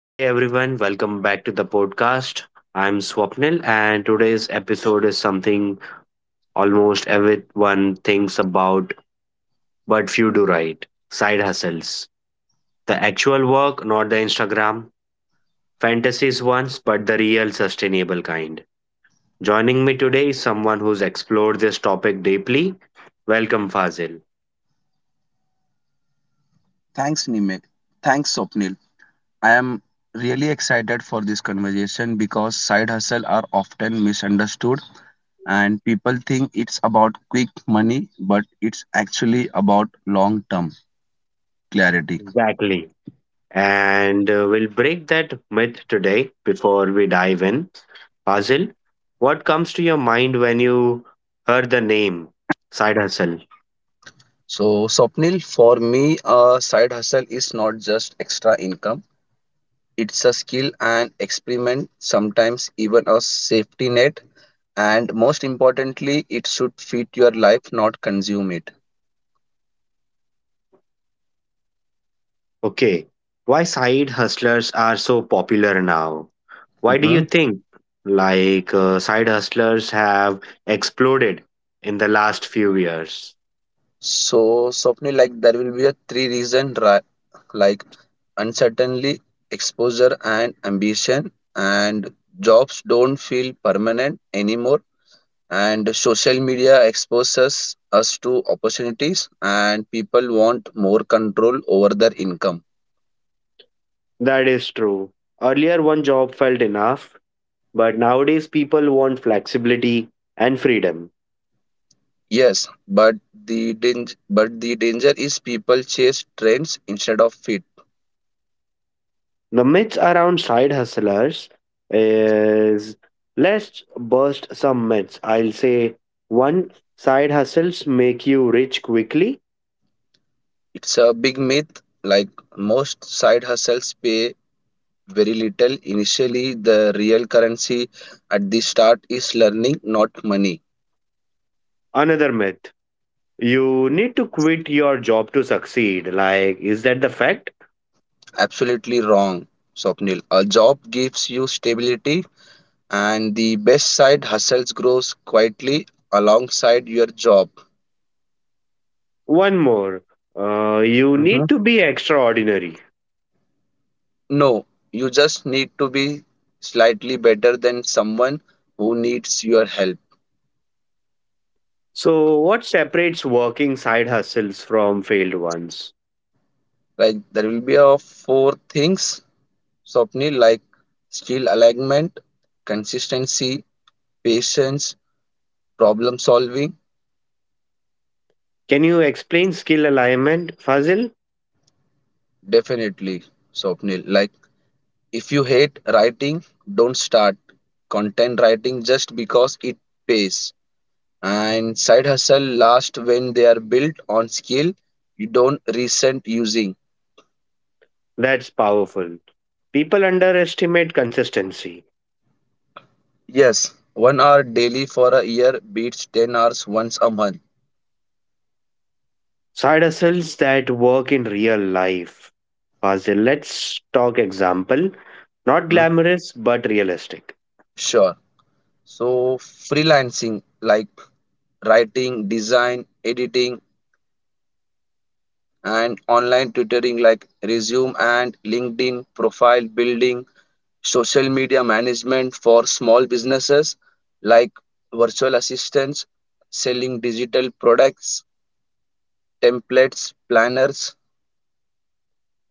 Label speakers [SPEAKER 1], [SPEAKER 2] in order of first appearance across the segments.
[SPEAKER 1] Hey everyone, welcome back to the podcast. I'm Swapnil, and today's episode is something almost everyone thinks about, but few do right side hustles. The actual work, not the Instagram, fantasies ones, but the real sustainable kind. Joining me today is someone who's explored this topic deeply. Welcome, Fazil.
[SPEAKER 2] Thanks, Nimit. Thanks, Swapnil. I am really excited for this conversation because side hustle are often misunderstood and people think it's about quick money, but it's actually about long term clarity.
[SPEAKER 1] Exactly. And we'll break that myth today before we dive in. Fazil, what comes to your mind when you heard the name side hustle?
[SPEAKER 2] So, Swapnil, for me, a side hustle is not just extra income, it's a skill and experiment, sometimes even a safety net. And most importantly, it should fit your life, not consume it.
[SPEAKER 1] Okay, why side hustlers are so popular now? Why do you
[SPEAKER 2] Mm-hmm.
[SPEAKER 1] think side hustlers have exploded in the last few years?
[SPEAKER 2] So, Swapnil, like there will be a three reason like uncertainty, exposure, and ambition, and jobs don't feel permanent anymore, and social media exposes us to opportunities, and people want more control over their income.
[SPEAKER 1] That is true. Earlier, one job felt enough, but nowadays people want flexibility and freedom.
[SPEAKER 2] Yes, but the danger is people chase trends instead of fit.
[SPEAKER 1] The myths around side hustlers is let's burst some myths. I'll say one side hustles make you rich quickly.
[SPEAKER 2] It's a big myth. Like most side hustles pay very little. Initially, the real currency at the start is learning, not money.
[SPEAKER 1] Another myth you need to quit your job to succeed. Like, is that the fact?
[SPEAKER 2] Absolutely wrong, Swapnil. A job gives you stability, and the best side hustles grows quietly alongside your job.
[SPEAKER 1] One more, you
[SPEAKER 2] Mhm.
[SPEAKER 1] need to be extraordinary.
[SPEAKER 2] No, you just need to be slightly better than someone who needs your help.
[SPEAKER 1] So, what separates working side hustles from failed ones?
[SPEAKER 2] Like there will be a four things, Swapnil, like skill alignment, consistency, patience, problem solving.
[SPEAKER 1] Can you explain skill alignment, Fazil?
[SPEAKER 2] Definitely, Swapnil. Like, if you hate writing, don't start content writing just because it pays. And side hustle last when they are built on skill you don't resent using.
[SPEAKER 1] That's powerful. People underestimate consistency.
[SPEAKER 2] Yes, 1 hour daily for a year beats 10 hours once a month.
[SPEAKER 1] Side hustles that work in real life. Fazil, let's talk example. Not
[SPEAKER 2] Hmm?
[SPEAKER 1] glamorous, but realistic.
[SPEAKER 2] Sure. So, freelancing like writing, design, editing, and online tutoring like resume and LinkedIn, profile building, social media management for small businesses like virtual assistants, selling digital products, templates, planners.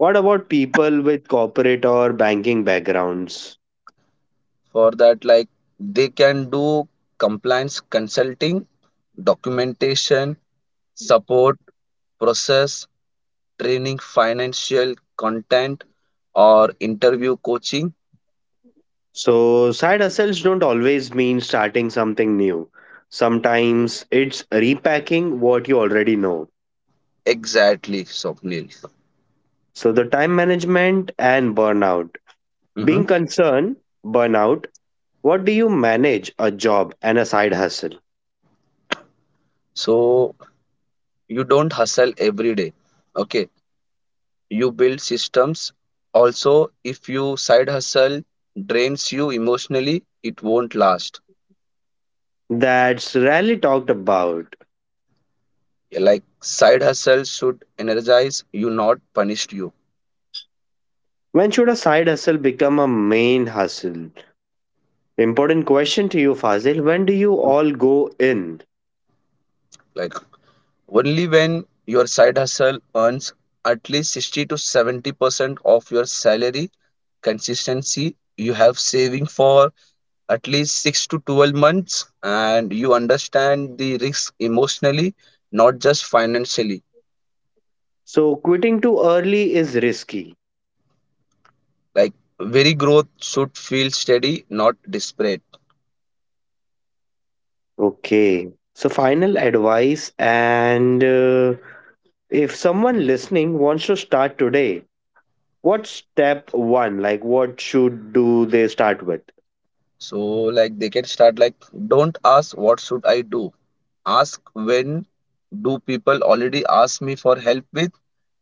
[SPEAKER 1] What about people with corporate or banking backgrounds?
[SPEAKER 2] For that, like they can do compliance consulting, documentation, support, process, training, financial content, or interview coaching.
[SPEAKER 1] So, side hustles don't always mean starting something new. Sometimes it's repacking what you already know.
[SPEAKER 2] Exactly, Swapnil.
[SPEAKER 1] So, the time management and burnout.
[SPEAKER 2] hmm
[SPEAKER 1] Being concerned, burnout. What do you manage a job and a side hustle?
[SPEAKER 2] So you don't hustle every day. Okay. You build systems. Also, if you side hustle drains you emotionally, it won't last.
[SPEAKER 1] That's rarely talked about.
[SPEAKER 2] Like side hustle should energize you, not punish you.
[SPEAKER 1] When should a side hustle become a main hustle? Important question to you, Fazil. When do you all go in?
[SPEAKER 2] Like only when your side hustle earns at least 60 to 70% of your salary, consistency you have saving for at least 6 to 12 months, and you understand the risk emotionally, not just financially.
[SPEAKER 1] So, quitting too early is risky.
[SPEAKER 2] Like very growth should feel steady, not desperate.
[SPEAKER 1] Okay. So, final advice and if someone listening wants to start today, what's step one? Like, what should do they start with?
[SPEAKER 2] So, like they can start like, don't ask what should I do, ask when do people already ask me for help with,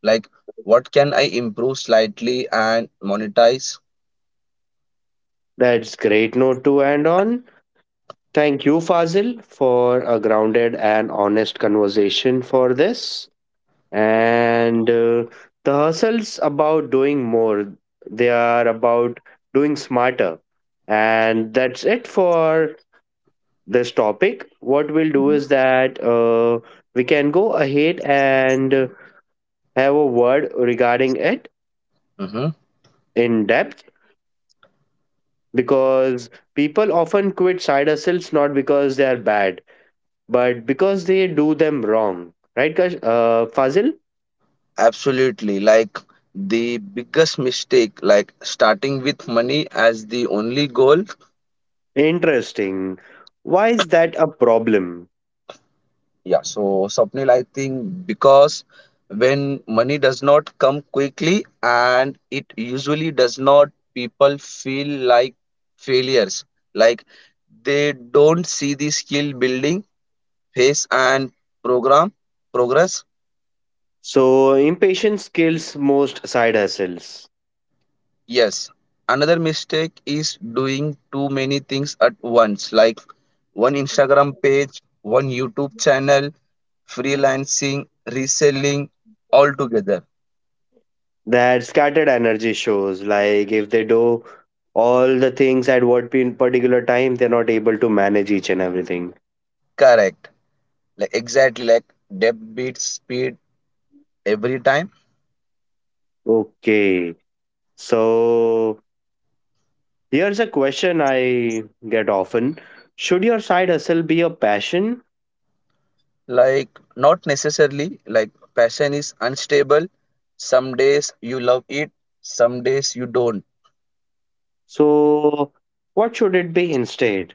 [SPEAKER 2] like what can I improve slightly and monetize.
[SPEAKER 1] That's great note to end on. Thank you, Fazil, for a grounded and honest conversation for this. And The hustle's about doing more, they are about doing smarter. And that's it for this topic. What we'll do is that we can go ahead and have a word regarding it
[SPEAKER 2] Mhm.
[SPEAKER 1] in depth because people often quit side hustles not because they are bad but because they do them wrong, right, Kash? Fazil?
[SPEAKER 2] Absolutely. Like the biggest mistake, like starting with money as the only goal.
[SPEAKER 1] Interesting. Why is that a problem?
[SPEAKER 2] Yeah. So, Swapnil, I think because when money does not come quickly, and it usually does not, people feel like failures. Like they don't see the skill building phase and program progress.
[SPEAKER 1] So, impatience kills most side hustles.
[SPEAKER 2] Yes, another mistake is doing too many things at once, like one Instagram page, one YouTube channel, freelancing, reselling, all together.
[SPEAKER 1] That scattered energy shows, like if they do all the things at what particular time, they're not able to manage each and everything.
[SPEAKER 2] Correct. Like exactly, like depth beats speed every time.
[SPEAKER 1] Okay, so here's a question I get often. Should your side hustle be a passion?
[SPEAKER 2] Like not necessarily, like passion is unstable. Some days you love it, some days you don't.
[SPEAKER 1] So, what should it be instead?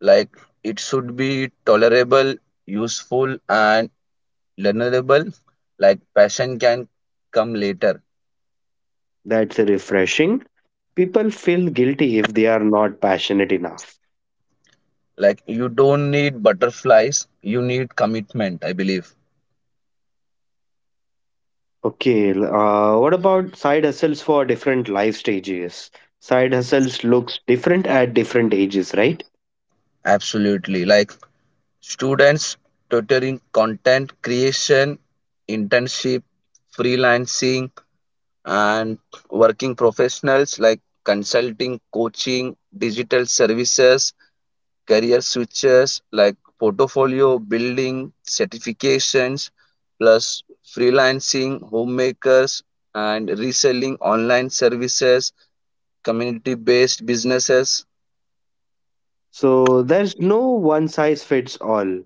[SPEAKER 2] Like it should be tolerable, useful and learnable, like passion can come later.
[SPEAKER 1] That's refreshing. People feel guilty if they are not passionate enough.
[SPEAKER 2] Like you don't need butterflies, you need commitment, I believe.
[SPEAKER 1] Okay, what about side hustles for different life stages? Side hustles looks different at different ages, right?
[SPEAKER 2] Absolutely, like students tutoring, content creation, internship, freelancing, and working professionals like consulting, coaching, digital services, career switches like portfolio building, certifications, plus freelancing, homemakers, and reselling online services, community based businesses.
[SPEAKER 1] So there's no one size fits all.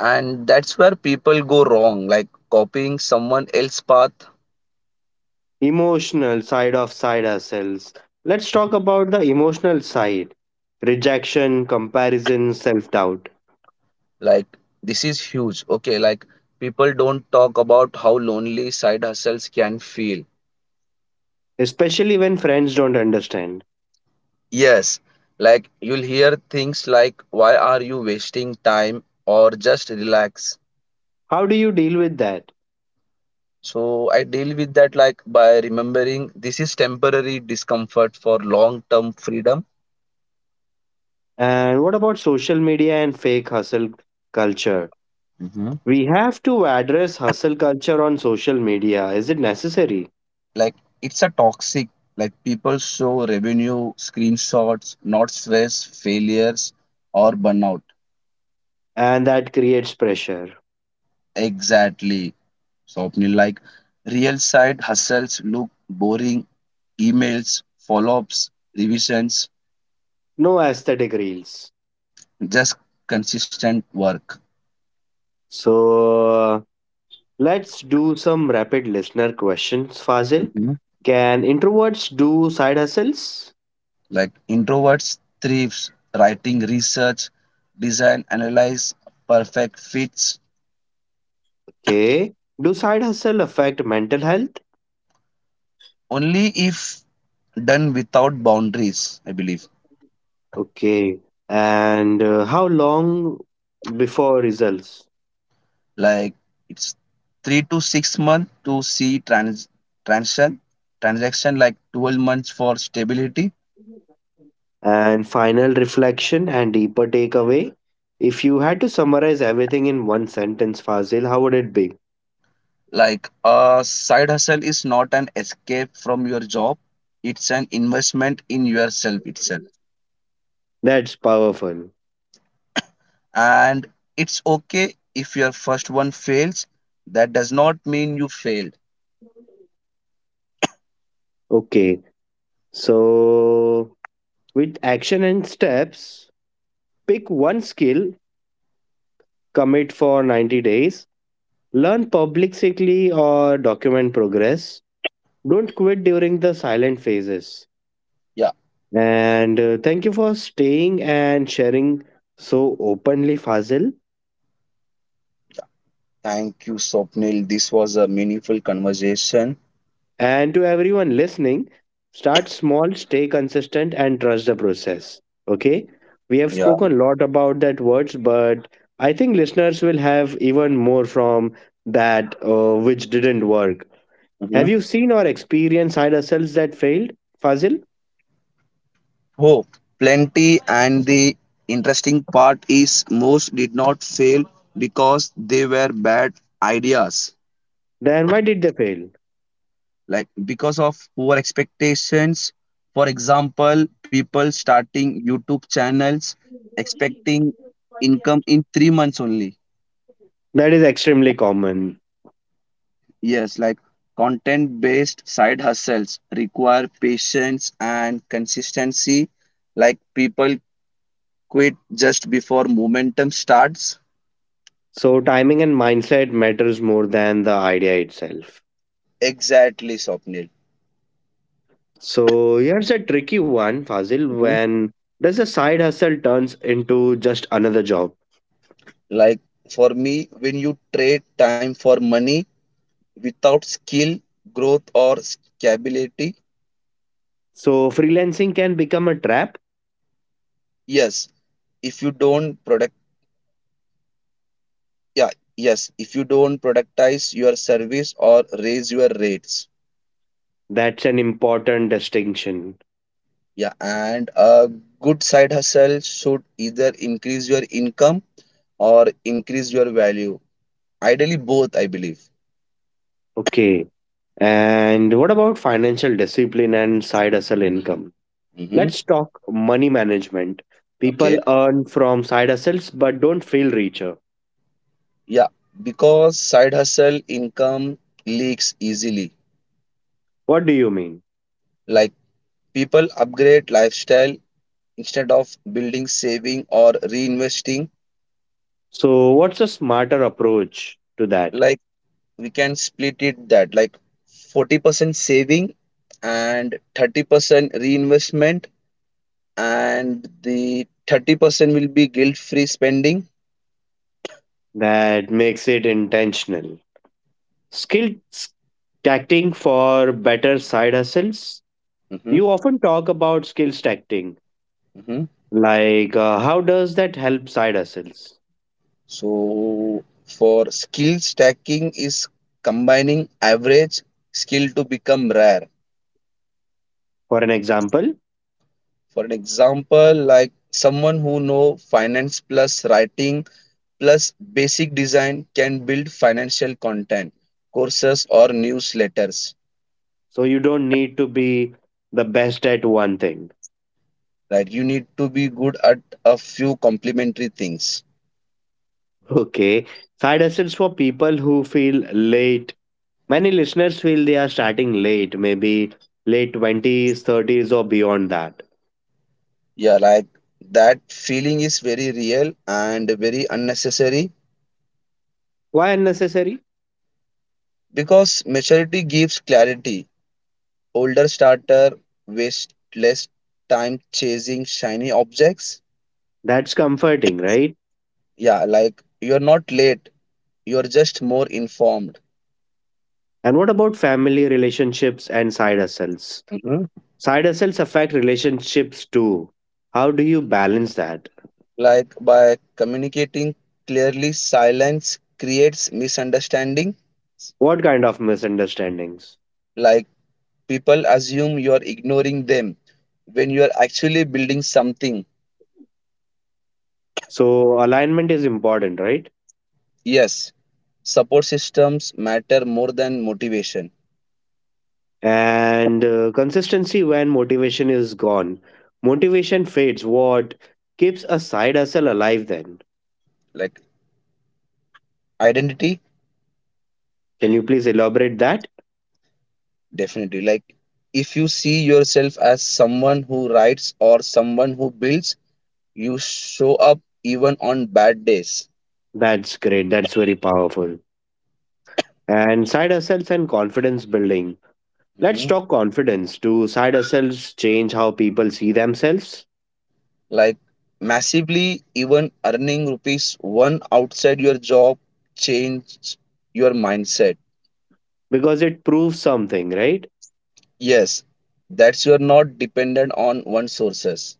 [SPEAKER 2] And that's where people go wrong, like copying someone else's path.
[SPEAKER 1] Emotional side of side hustles. Let's
[SPEAKER 2] Mhm.
[SPEAKER 1] talk about the emotional side. Rejection, comparison, self doubt,
[SPEAKER 2] Like, this is huge. Okay, like people don't talk about how lonely side hustles can feel.
[SPEAKER 1] especially when friends don't understand.
[SPEAKER 2] Yes, like you'll hear things like, why are you wasting time or just relax?
[SPEAKER 1] How do you deal with that?
[SPEAKER 2] So I deal with that like by remembering this is temporary discomfort for long-term freedom.
[SPEAKER 1] And what about social media and fake hustle culture?
[SPEAKER 2] hmm
[SPEAKER 1] We have to address hustle culture on social media. Is it necessary?
[SPEAKER 2] Like it's a toxic, like people show revenue screenshots, not stress, failures, or burnout.
[SPEAKER 1] And that creates pressure.
[SPEAKER 2] Exactly. So, Swapnil, like real side hustles look boring, emails, follow-ups, revisions.
[SPEAKER 1] No aesthetic reels.
[SPEAKER 2] Just consistent work.
[SPEAKER 1] So, let's do some rapid listener questions, Fazil.
[SPEAKER 2] Mhm.
[SPEAKER 1] Can introverts do side hustles?
[SPEAKER 2] Like introverts thrives writing, research, design, analyze, perfect fits.
[SPEAKER 1] Okay. Do side hustle affect mental health?
[SPEAKER 2] Only if done without boundaries, I believe.
[SPEAKER 1] Okay. And how long before results?
[SPEAKER 2] Like it's 3 to 6 months to see trans transaction transaction, like 12 months for stability.
[SPEAKER 1] And final reflection and deeper takeaway. If you had to summarize everything in one sentence, Fazil, how would it be?
[SPEAKER 2] Like a side hustle is not an escape from your job; it's an investment in yourself itself.
[SPEAKER 1] That's powerful.
[SPEAKER 2] And it's okay if your first one fails, that does not mean you failed.
[SPEAKER 1] Okay. So, with action and steps, pick one skill, commit for 90 days, learn publicly or document progress. Don't quit during the silent phases.
[SPEAKER 2] Yeah,
[SPEAKER 1] And Thank you for staying and sharing so openly, Fazil.
[SPEAKER 2] thank you, Swapnil, this was a meaningful conversation.
[SPEAKER 1] And to everyone listening, start small, stay consistent, and trust the process. Okay? We have
[SPEAKER 2] Yeah.
[SPEAKER 1] spoken a lot about that words, but I think listeners will have even more from that, which didn't work. Have
[SPEAKER 2] Mhm.
[SPEAKER 1] you seen or experienced higher cells that failed, Fazil?
[SPEAKER 2] Oh, plenty. And the interesting part is most did not fail because they were bad ideas.
[SPEAKER 1] Then why did they fail?
[SPEAKER 2] Like because of poor expectations, for example, people starting YouTube channels expecting income in 3 months only.
[SPEAKER 1] That is extremely common.
[SPEAKER 2] Yes, like content based side hustles require patience and consistency. Like people quit just before momentum starts.
[SPEAKER 1] So timing and mindset matters more than the idea itself.
[SPEAKER 2] Exactly, Swapnil.
[SPEAKER 1] So here's a tricky one, Fazil.
[SPEAKER 2] Mhm.
[SPEAKER 1] When does a side hustle turns into just another job?
[SPEAKER 2] Like for me, when you trade time for money without skill, growth, or scalability,
[SPEAKER 1] So freelancing can become a trap.
[SPEAKER 2] yes, if you don't product, yeah, yes, if you don't productize your service or raise your rates.
[SPEAKER 1] That's an important distinction.
[SPEAKER 2] Yeah, and a good side hustle should either increase your income or increase your value. Ideally, both, I believe.
[SPEAKER 1] Okay. And what about financial discipline and side hustle income?
[SPEAKER 2] Mm-hmm.
[SPEAKER 1] Let's talk money management. People
[SPEAKER 2] Okay.
[SPEAKER 1] earn from side hustles but don't feel richer.
[SPEAKER 2] Yeah, because side hustle income leaks easily.
[SPEAKER 1] What do you mean?
[SPEAKER 2] Like people upgrade lifestyle instead of building, saving, or reinvesting.
[SPEAKER 1] So what's a smarter approach to that
[SPEAKER 2] Like we can split it, that like 40% saving and 30% reinvestment, and the 30% will be guilt free spending.
[SPEAKER 1] that makes it intentional? Skills Tacting for better side hustles.
[SPEAKER 2] Mm-hmm.
[SPEAKER 1] You often talk about skills tacting.
[SPEAKER 2] Mm-hmm.
[SPEAKER 1] Like, how does that help side hustles?
[SPEAKER 2] So, for skill stacking is combining average skill to become rare.
[SPEAKER 1] For an example,
[SPEAKER 2] For an example, like someone who know finance plus writing plus basic design can build financial content, courses or newsletters.
[SPEAKER 1] so you don't need to be the best at one thing.
[SPEAKER 2] Right? You need to be good at a few complementary things.
[SPEAKER 1] Okay. Side hustles for people who feel late. Many listeners feel they are starting late, maybe late 20s, 30s, or beyond that.
[SPEAKER 2] Yeah, like that feeling is very real and very unnecessary.
[SPEAKER 1] Why unnecessary?
[SPEAKER 2] Because maturity gives clarity. Older starter waste less time chasing shiny objects.
[SPEAKER 1] That's comforting, right?
[SPEAKER 2] Yeah, like you're not late, you're just more informed.
[SPEAKER 1] And what about family relationships and side hustles?
[SPEAKER 2] hmm
[SPEAKER 1] Side hustles affect relationships too. How do you balance that?
[SPEAKER 2] Like by communicating clearly, silence creates misunderstanding.
[SPEAKER 1] What kind of misunderstandings?
[SPEAKER 2] Like people assume you're ignoring them when you're actually building something.
[SPEAKER 1] So, alignment is important, right?
[SPEAKER 2] Yes. Support systems matter more than motivation.
[SPEAKER 1] And consistency when motivation is gone. Motivation fades. What keeps a side hustle alive then?
[SPEAKER 2] Like identity.
[SPEAKER 1] Can you please elaborate that?
[SPEAKER 2] Definitely, like if you see yourself as someone who writes or someone who builds, you show up even on bad days.
[SPEAKER 1] That's great. That's very powerful. And side hustles and confidence building. Let's
[SPEAKER 2] Mhm.
[SPEAKER 1] talk confidence. Do side hustles change how people see themselves?
[SPEAKER 2] Like massively, even earning rupees one outside your job change your mindset.
[SPEAKER 1] Because it proves something, right?
[SPEAKER 2] Yes, that's you're not dependent on one sources.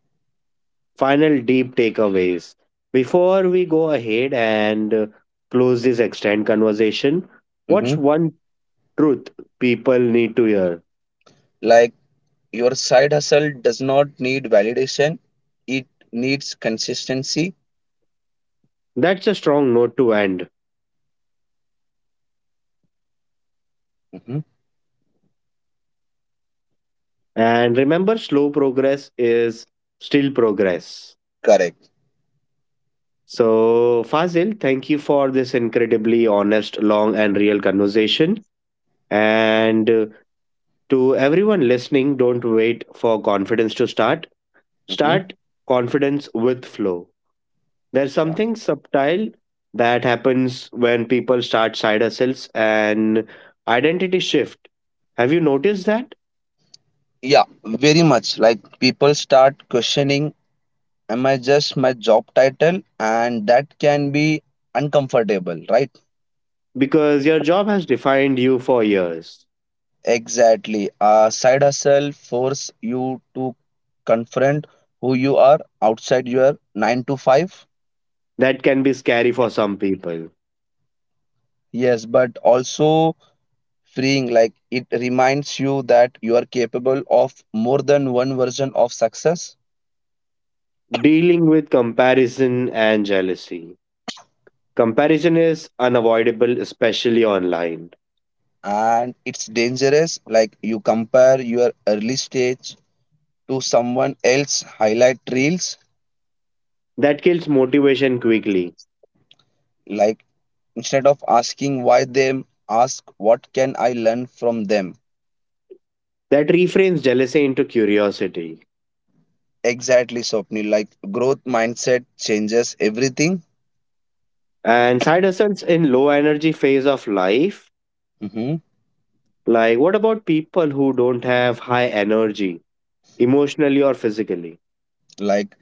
[SPEAKER 1] Final deep takeaways. Before we go ahead and close this extended conversation, what's
[SPEAKER 2] Mhm.
[SPEAKER 1] one truth people need to hear?
[SPEAKER 2] Like your side hustle does not need validation, it needs consistency.
[SPEAKER 1] That's a strong note to end.
[SPEAKER 2] Mhm.
[SPEAKER 1] And remember, slow progress is still progress.
[SPEAKER 2] Correct.
[SPEAKER 1] So, Fazil, thank you for this incredibly honest, long, and real conversation. And To everyone listening, don't wait for confidence to start.
[SPEAKER 2] Mhm.
[SPEAKER 1] Start confidence with flow. There's
[SPEAKER 2] Yeah.
[SPEAKER 1] something subtle that happens when people start side hustles and identity shift. Have you noticed that?
[SPEAKER 2] Yeah, very much like people start questioning, am I just my job title, and that can be uncomfortable, right?
[SPEAKER 1] Because your job has defined you for years.
[SPEAKER 2] Exactly. Side hustle force you to confront who you are outside your 9 to 5.
[SPEAKER 1] That can be scary for some people.
[SPEAKER 2] Yes, but also freeing, like it reminds you that you are capable of more than one version of success.
[SPEAKER 1] Dealing with comparison and jealousy. Comparison is unavoidable, especially online.
[SPEAKER 2] And it's dangerous, like you compare your early stage to someone else highlight reels.
[SPEAKER 1] That kills motivation quickly.
[SPEAKER 2] Like instead of asking why them, ask what can I learn from them.
[SPEAKER 1] That reframes jealousy into curiosity.
[SPEAKER 2] Exactly, Swapnil, like growth mindset changes everything.
[SPEAKER 1] And side hustles in low energy phase of life.
[SPEAKER 2] hmm
[SPEAKER 1] Like, what about people who don't have high energy, emotionally or physically?
[SPEAKER 2] like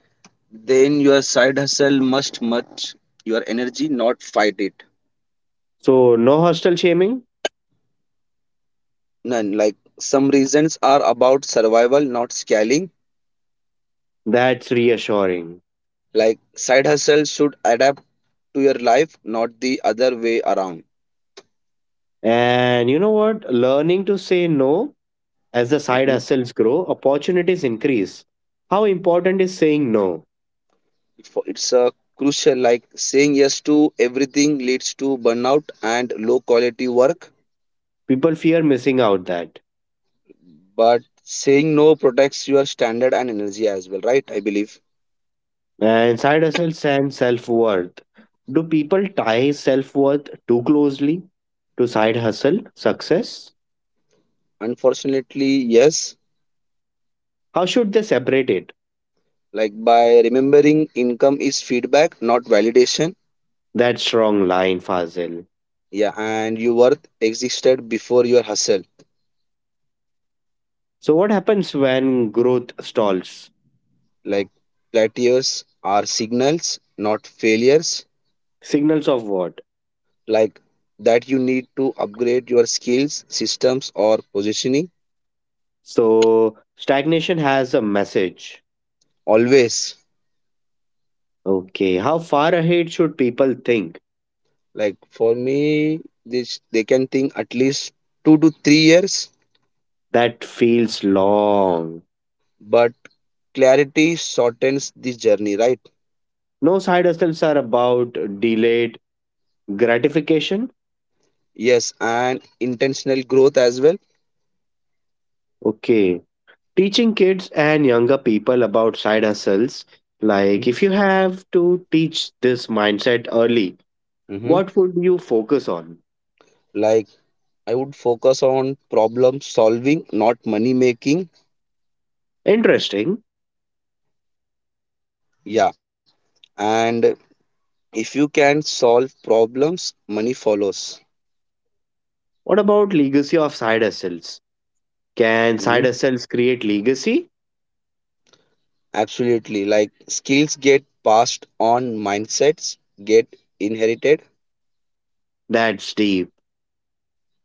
[SPEAKER 2] then your side hustle must match your energy, not fight it.
[SPEAKER 1] So, no hostile shaming?
[SPEAKER 2] None, like some reasons are about survival, not scaling.
[SPEAKER 1] That's reassuring.
[SPEAKER 2] Like side hustle should adapt to your life, not the other way around.
[SPEAKER 1] And you know what? Learning to say no as the side
[SPEAKER 2] Mhm.
[SPEAKER 1] hustles grow, opportunities increase. How important is saying no?
[SPEAKER 2] It's a crucial, like saying yes to everything leads to burnout and low quality work.
[SPEAKER 1] People fear missing out that.
[SPEAKER 2] But saying no protects your standard and energy as well, right? I believe.
[SPEAKER 1] And side hustles and self worth. Do people tie self worth too closely to side hustle success?
[SPEAKER 2] Unfortunately, yes.
[SPEAKER 1] How should they separate it?
[SPEAKER 2] Like by remembering, income is feedback, not validation.
[SPEAKER 1] That strong line, Fazil.
[SPEAKER 2] Yeah, and your worth existed before your hustle.
[SPEAKER 1] So what happens when growth stalls?
[SPEAKER 2] Like plateaus are signals, not failures.
[SPEAKER 1] Signals of what?
[SPEAKER 2] Like that you need to upgrade your skills, systems or positioning.
[SPEAKER 1] So stagnation has a message.
[SPEAKER 2] Always.
[SPEAKER 1] Okay, how far ahead should people think?
[SPEAKER 2] Like for me, this they can think at least 2 to 3 years.
[SPEAKER 1] That feels long.
[SPEAKER 2] But clarity shortens this journey, right?
[SPEAKER 1] No side hustles are about delayed gratification.
[SPEAKER 2] Yes, and intentional growth as well.
[SPEAKER 1] Okay, teaching kids and younger people about side hustles. Like if you have to teach this mindset early,
[SPEAKER 2] Mm-hmm.
[SPEAKER 1] what would you focus on?
[SPEAKER 2] Like I would focus on problem solving, not money making.
[SPEAKER 1] Interesting.
[SPEAKER 2] Yeah, and if you can solve problems, money follows.
[SPEAKER 1] What about legacy of side hustles? Can side
[SPEAKER 2] Mhm.
[SPEAKER 1] hustles create legacy?
[SPEAKER 2] Absolutely, like skills get passed on, mindsets get inherited.
[SPEAKER 1] That's deep.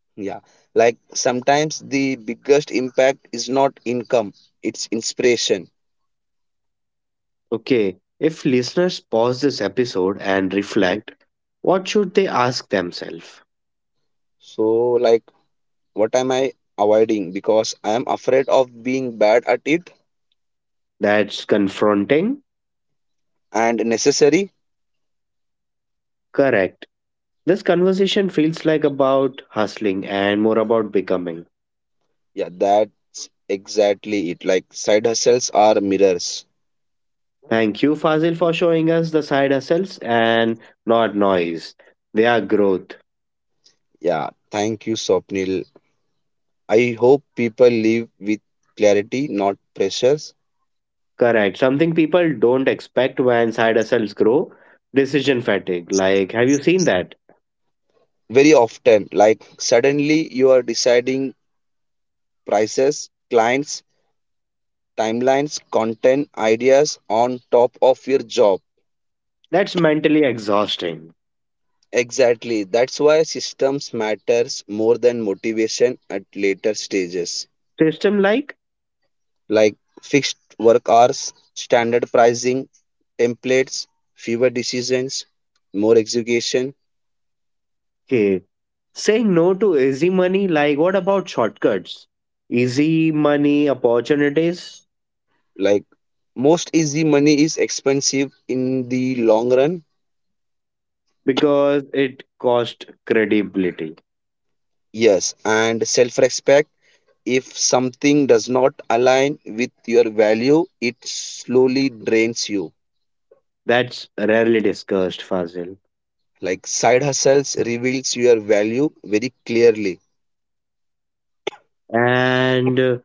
[SPEAKER 2] Yeah, like sometimes the biggest impact is not income, it's inspiration.
[SPEAKER 1] Okay, if listeners pause this episode and
[SPEAKER 2] Mm.
[SPEAKER 1] reflect, what should they ask themselves?
[SPEAKER 2] So, like what am I avoiding because I am afraid of being bad at it.
[SPEAKER 1] That's confronting.
[SPEAKER 2] And necessary.
[SPEAKER 1] Correct. This conversation feels like about hustling and more about becoming.
[SPEAKER 2] Yeah, that's exactly it, like side hustles are mirrors.
[SPEAKER 1] Thank you, Fazil, for showing us the side hustles and not noise. They are growth.
[SPEAKER 2] Yeah, thank you, Swapnil. I hope people live with clarity, not pressures.
[SPEAKER 1] Correct. Something people don't expect when side hustles grow decision fatigue. Like, have you seen that?
[SPEAKER 2] Very often, like suddenly you are deciding prices, clients, timelines, content, ideas on top of your job.
[SPEAKER 1] That's mentally exhausting.
[SPEAKER 2] Exactly. That's why systems matters more than motivation at later stages.
[SPEAKER 1] System like,
[SPEAKER 2] Like fixed work hours, standard pricing, templates, fewer decisions, more execution.
[SPEAKER 1] okay, saying no to easy money, like what about shortcuts? Easy money opportunities
[SPEAKER 2] Like most easy money is expensive in the long run.
[SPEAKER 1] because it cost credibility.
[SPEAKER 2] Yes, and self respect, if something does not align with your value it slowly drains you.
[SPEAKER 1] That's rarely discussed, Fazil.
[SPEAKER 2] Like side hustles reveals your value very clearly.
[SPEAKER 1] And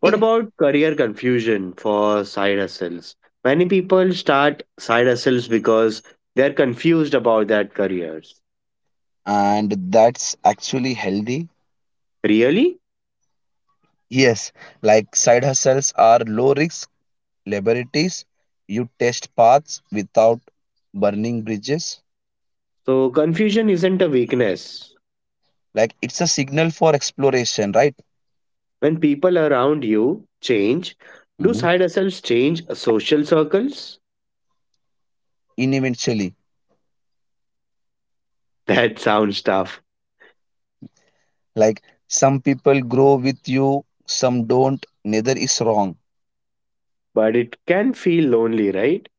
[SPEAKER 1] What about career confusion for side hustles? Many people start side hustles because they're confused about their careers.
[SPEAKER 2] And that's actually healthy.
[SPEAKER 1] Really?
[SPEAKER 2] Yes, like side hustles are low risk liberties, you test paths without burning bridges.
[SPEAKER 1] So, confusion isn't a weakness.
[SPEAKER 2] Like it's a signal for exploration, right?
[SPEAKER 1] When people around you change, do side hustles change social circles?
[SPEAKER 2] In eventually.
[SPEAKER 1] That sounds tough,
[SPEAKER 2] Like some people grow with you, some don't. Neither is wrong.
[SPEAKER 1] but it can feel lonely, right?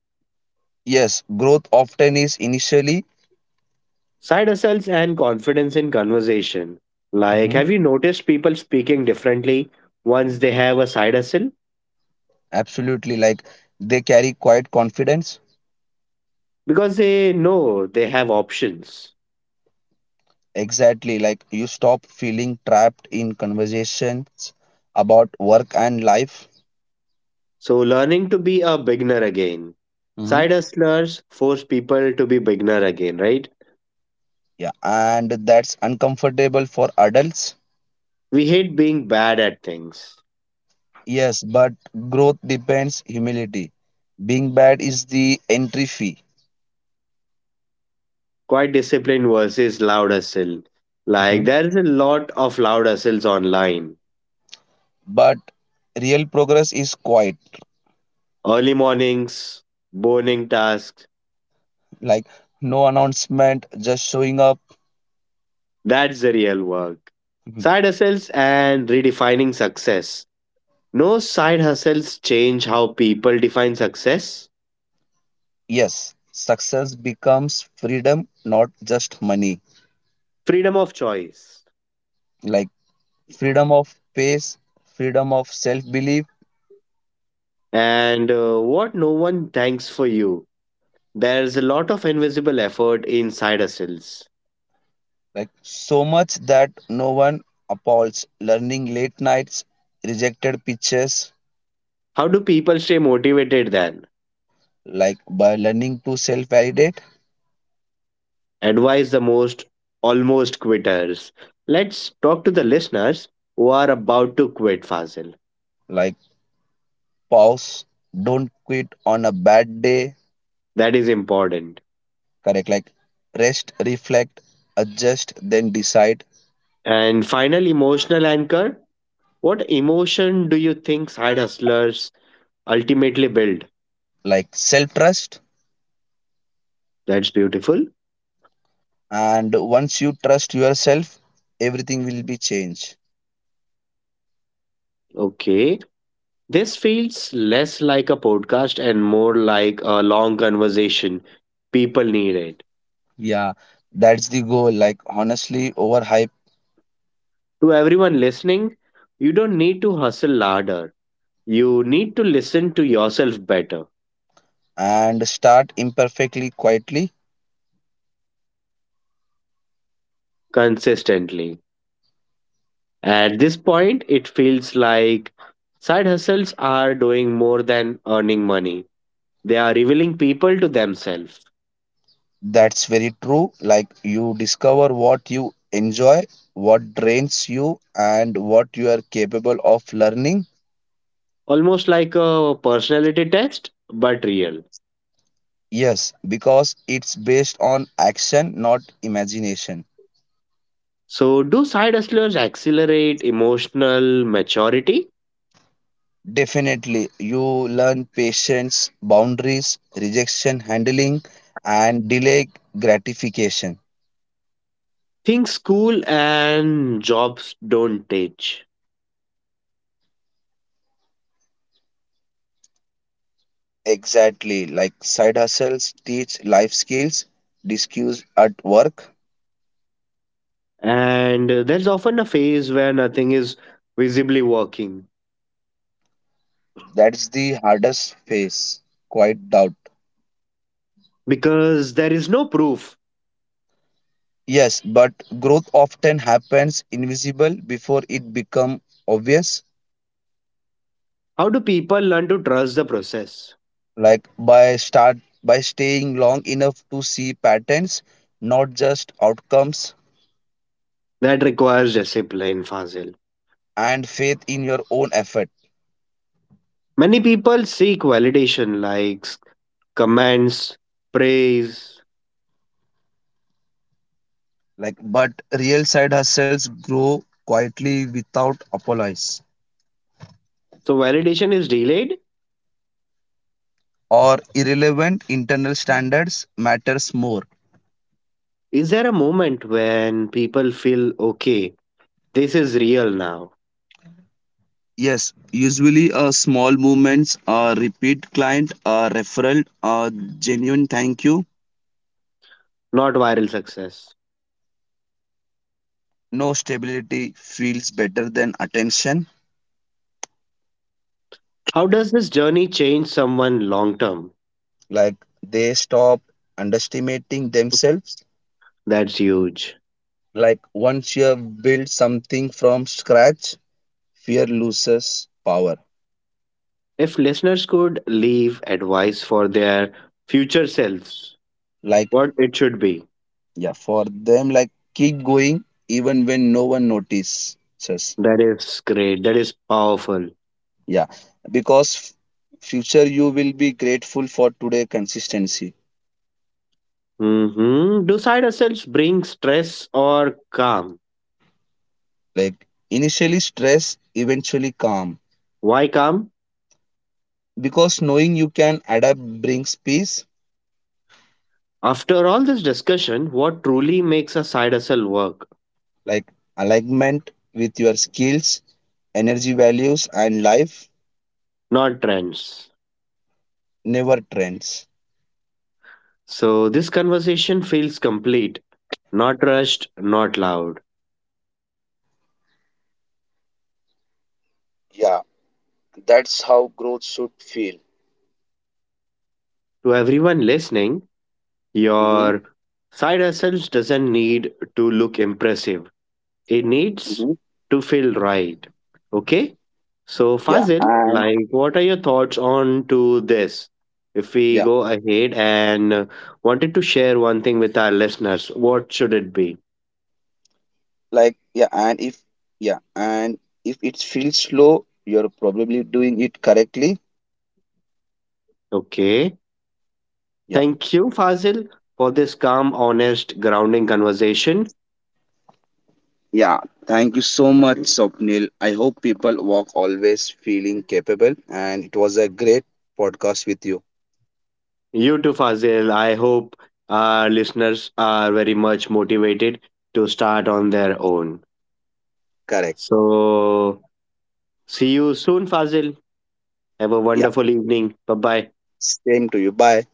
[SPEAKER 2] Yes, growth often is initially.
[SPEAKER 1] Side hustles and confidence in conversation. Like,
[SPEAKER 2] Mhm.
[SPEAKER 1] have you noticed people speaking differently once they have a side hustle?
[SPEAKER 2] Absolutely. Like they carry quiet confidence.
[SPEAKER 1] Because they know they have options.
[SPEAKER 2] Exactly. Like you stop feeling trapped in conversations about work and life.
[SPEAKER 1] So, learning to be a beginner again.
[SPEAKER 2] Mhm.
[SPEAKER 1] Side hustlers force people to be beginner again, right?
[SPEAKER 2] Yeah, and that's uncomfortable for adults.
[SPEAKER 1] We hate being bad at things.
[SPEAKER 2] Yes, but growth depends humility. Being bad is the entry fee.
[SPEAKER 1] Quiet discipline versus loud hustle. Like there is a lot of loud hustles online.
[SPEAKER 2] But real progress is quiet.
[SPEAKER 1] Early mornings, burning tasks.
[SPEAKER 2] Like no announcement, just showing up
[SPEAKER 1] That's the real work.
[SPEAKER 2] Mhm.
[SPEAKER 1] Side hustles and redefining success. No side hustles change how people define success.
[SPEAKER 2] Yes, success becomes freedom, not just money.
[SPEAKER 1] Freedom of choice.
[SPEAKER 2] Like freedom of pace, freedom of self belief.
[SPEAKER 1] And What no one thanks for you. There's a lot of invisible effort in side hustles.
[SPEAKER 2] Like so much that no one appalls, learning, late nights, rejected pitches.
[SPEAKER 1] How do people stay motivated then?
[SPEAKER 2] Like by learning to self validate.
[SPEAKER 1] Advise the most almost quitters. Let's talk to the listeners who are about to quit, Fazil.
[SPEAKER 2] Like pause, don't quit on a bad day.
[SPEAKER 1] That is important.
[SPEAKER 2] Correct, like rest, reflect, adjust, then decide.
[SPEAKER 1] And final emotional anchor. What emotion do you think side hustlers ultimately build?
[SPEAKER 2] Like self trust.
[SPEAKER 1] That's beautiful.
[SPEAKER 2] And once you trust yourself, everything will be changed.
[SPEAKER 1] Okay. This feels less like a podcast and more like a long conversation. People need it.
[SPEAKER 2] Yeah, that's the goal, like honestly overhype.
[SPEAKER 1] To everyone listening, you don't need to hustle harder. You need to listen to yourself better
[SPEAKER 2] And start imperfectly, quietly.
[SPEAKER 1] consistently. At this point, it feels like side hustles are doing more than earning money. They are revealing people to themselves,
[SPEAKER 2] That's very true, like you discover what you enjoy, what drains you, and what you are capable of learning.
[SPEAKER 1] almost like a personality test, but real.
[SPEAKER 2] Yes, because it's based on action, not imagination.
[SPEAKER 1] So, do side hustlers accelerate emotional maturity?
[SPEAKER 2] Definitely, you learn patience, boundaries, rejection handling, and delay gratification.
[SPEAKER 1] Things school and jobs don't teach.
[SPEAKER 2] Exactly, like side hustles teach life skills, discuss at work.
[SPEAKER 1] And There's often a phase where nothing is visibly working
[SPEAKER 2] That's the hardest phase, quite doubt.
[SPEAKER 1] because there is no proof.
[SPEAKER 2] Yes, but growth often happens invisible before it become obvious.
[SPEAKER 1] How do people learn to trust the process?
[SPEAKER 2] Like by staying long enough to see patterns, not just outcomes.
[SPEAKER 1] That requires discipline, Fazil.
[SPEAKER 2] And faith in your own effort.
[SPEAKER 1] Many people seek validation, likes, comments, praise.
[SPEAKER 2] Like, but real side hustles grow quietly without apologies,
[SPEAKER 1] So, validation is delayed.
[SPEAKER 2] or irrelevant internal standards matters more.
[SPEAKER 1] Is there a moment when people feel okay, this is real now,
[SPEAKER 2] Yes, usually small movements, a repeat client, a referral, a genuine thank you.
[SPEAKER 1] not viral success?
[SPEAKER 2] No, stability feels better than attention.
[SPEAKER 1] How does this journey change someone long term?
[SPEAKER 2] Like they stop underestimating themselves.
[SPEAKER 1] That's huge.
[SPEAKER 2] Like once you have built something from scratch, fear loses power.
[SPEAKER 1] If listeners could leave advice for their future selves,
[SPEAKER 2] Like,
[SPEAKER 1] what it should be,
[SPEAKER 2] yeah, for them, like keep going even when no one notices.
[SPEAKER 1] that is great, that is powerful.
[SPEAKER 2] Yeah, because future you will be grateful for today consistency.
[SPEAKER 1] Mm-hmm. Do side hustles bring stress or calm?
[SPEAKER 2] Like initially stress, eventually calm.
[SPEAKER 1] Why calm?
[SPEAKER 2] Because knowing you can adapt brings peace.
[SPEAKER 1] After all this discussion, what truly makes a side hustle work,
[SPEAKER 2] Like alignment with your skills, energy values, and life.
[SPEAKER 1] not trends?
[SPEAKER 2] Never trends.
[SPEAKER 1] So, this conversation feels complete, not rushed, not loud.
[SPEAKER 2] Yeah, that's how growth should feel.
[SPEAKER 1] To everyone listening,
[SPEAKER 2] Mm-hmm.
[SPEAKER 1] your side hustles doesn't need to look impressive, it
[SPEAKER 2] Mm-hmm.
[SPEAKER 1] needs to feel right. Okay? So,
[SPEAKER 2] Yeah,
[SPEAKER 1] Fazil,
[SPEAKER 2] and
[SPEAKER 1] like, what are your thoughts on to this? If we
[SPEAKER 2] yeah
[SPEAKER 1] go ahead and uh, wanted to share one thing with our listeners, what should it be?
[SPEAKER 2] like yeah and if it feels slow, you're probably doing it correctly.
[SPEAKER 1] Okay.
[SPEAKER 2] yeah
[SPEAKER 1] Thank you, Fazil, for this calm, honest, grounding conversation.
[SPEAKER 2] yeah thank you so much, Sopnil, I hope people walk always feeling capable and it was a great podcast with you.
[SPEAKER 1] You too, Fazil. I hope our listeners are very much motivated to start on their own.
[SPEAKER 2] Correct.
[SPEAKER 1] So, see you soon, Fazil. Have a
[SPEAKER 2] Yeah,
[SPEAKER 1] wonderful evening. Bye bye.
[SPEAKER 2] same to you. Bye.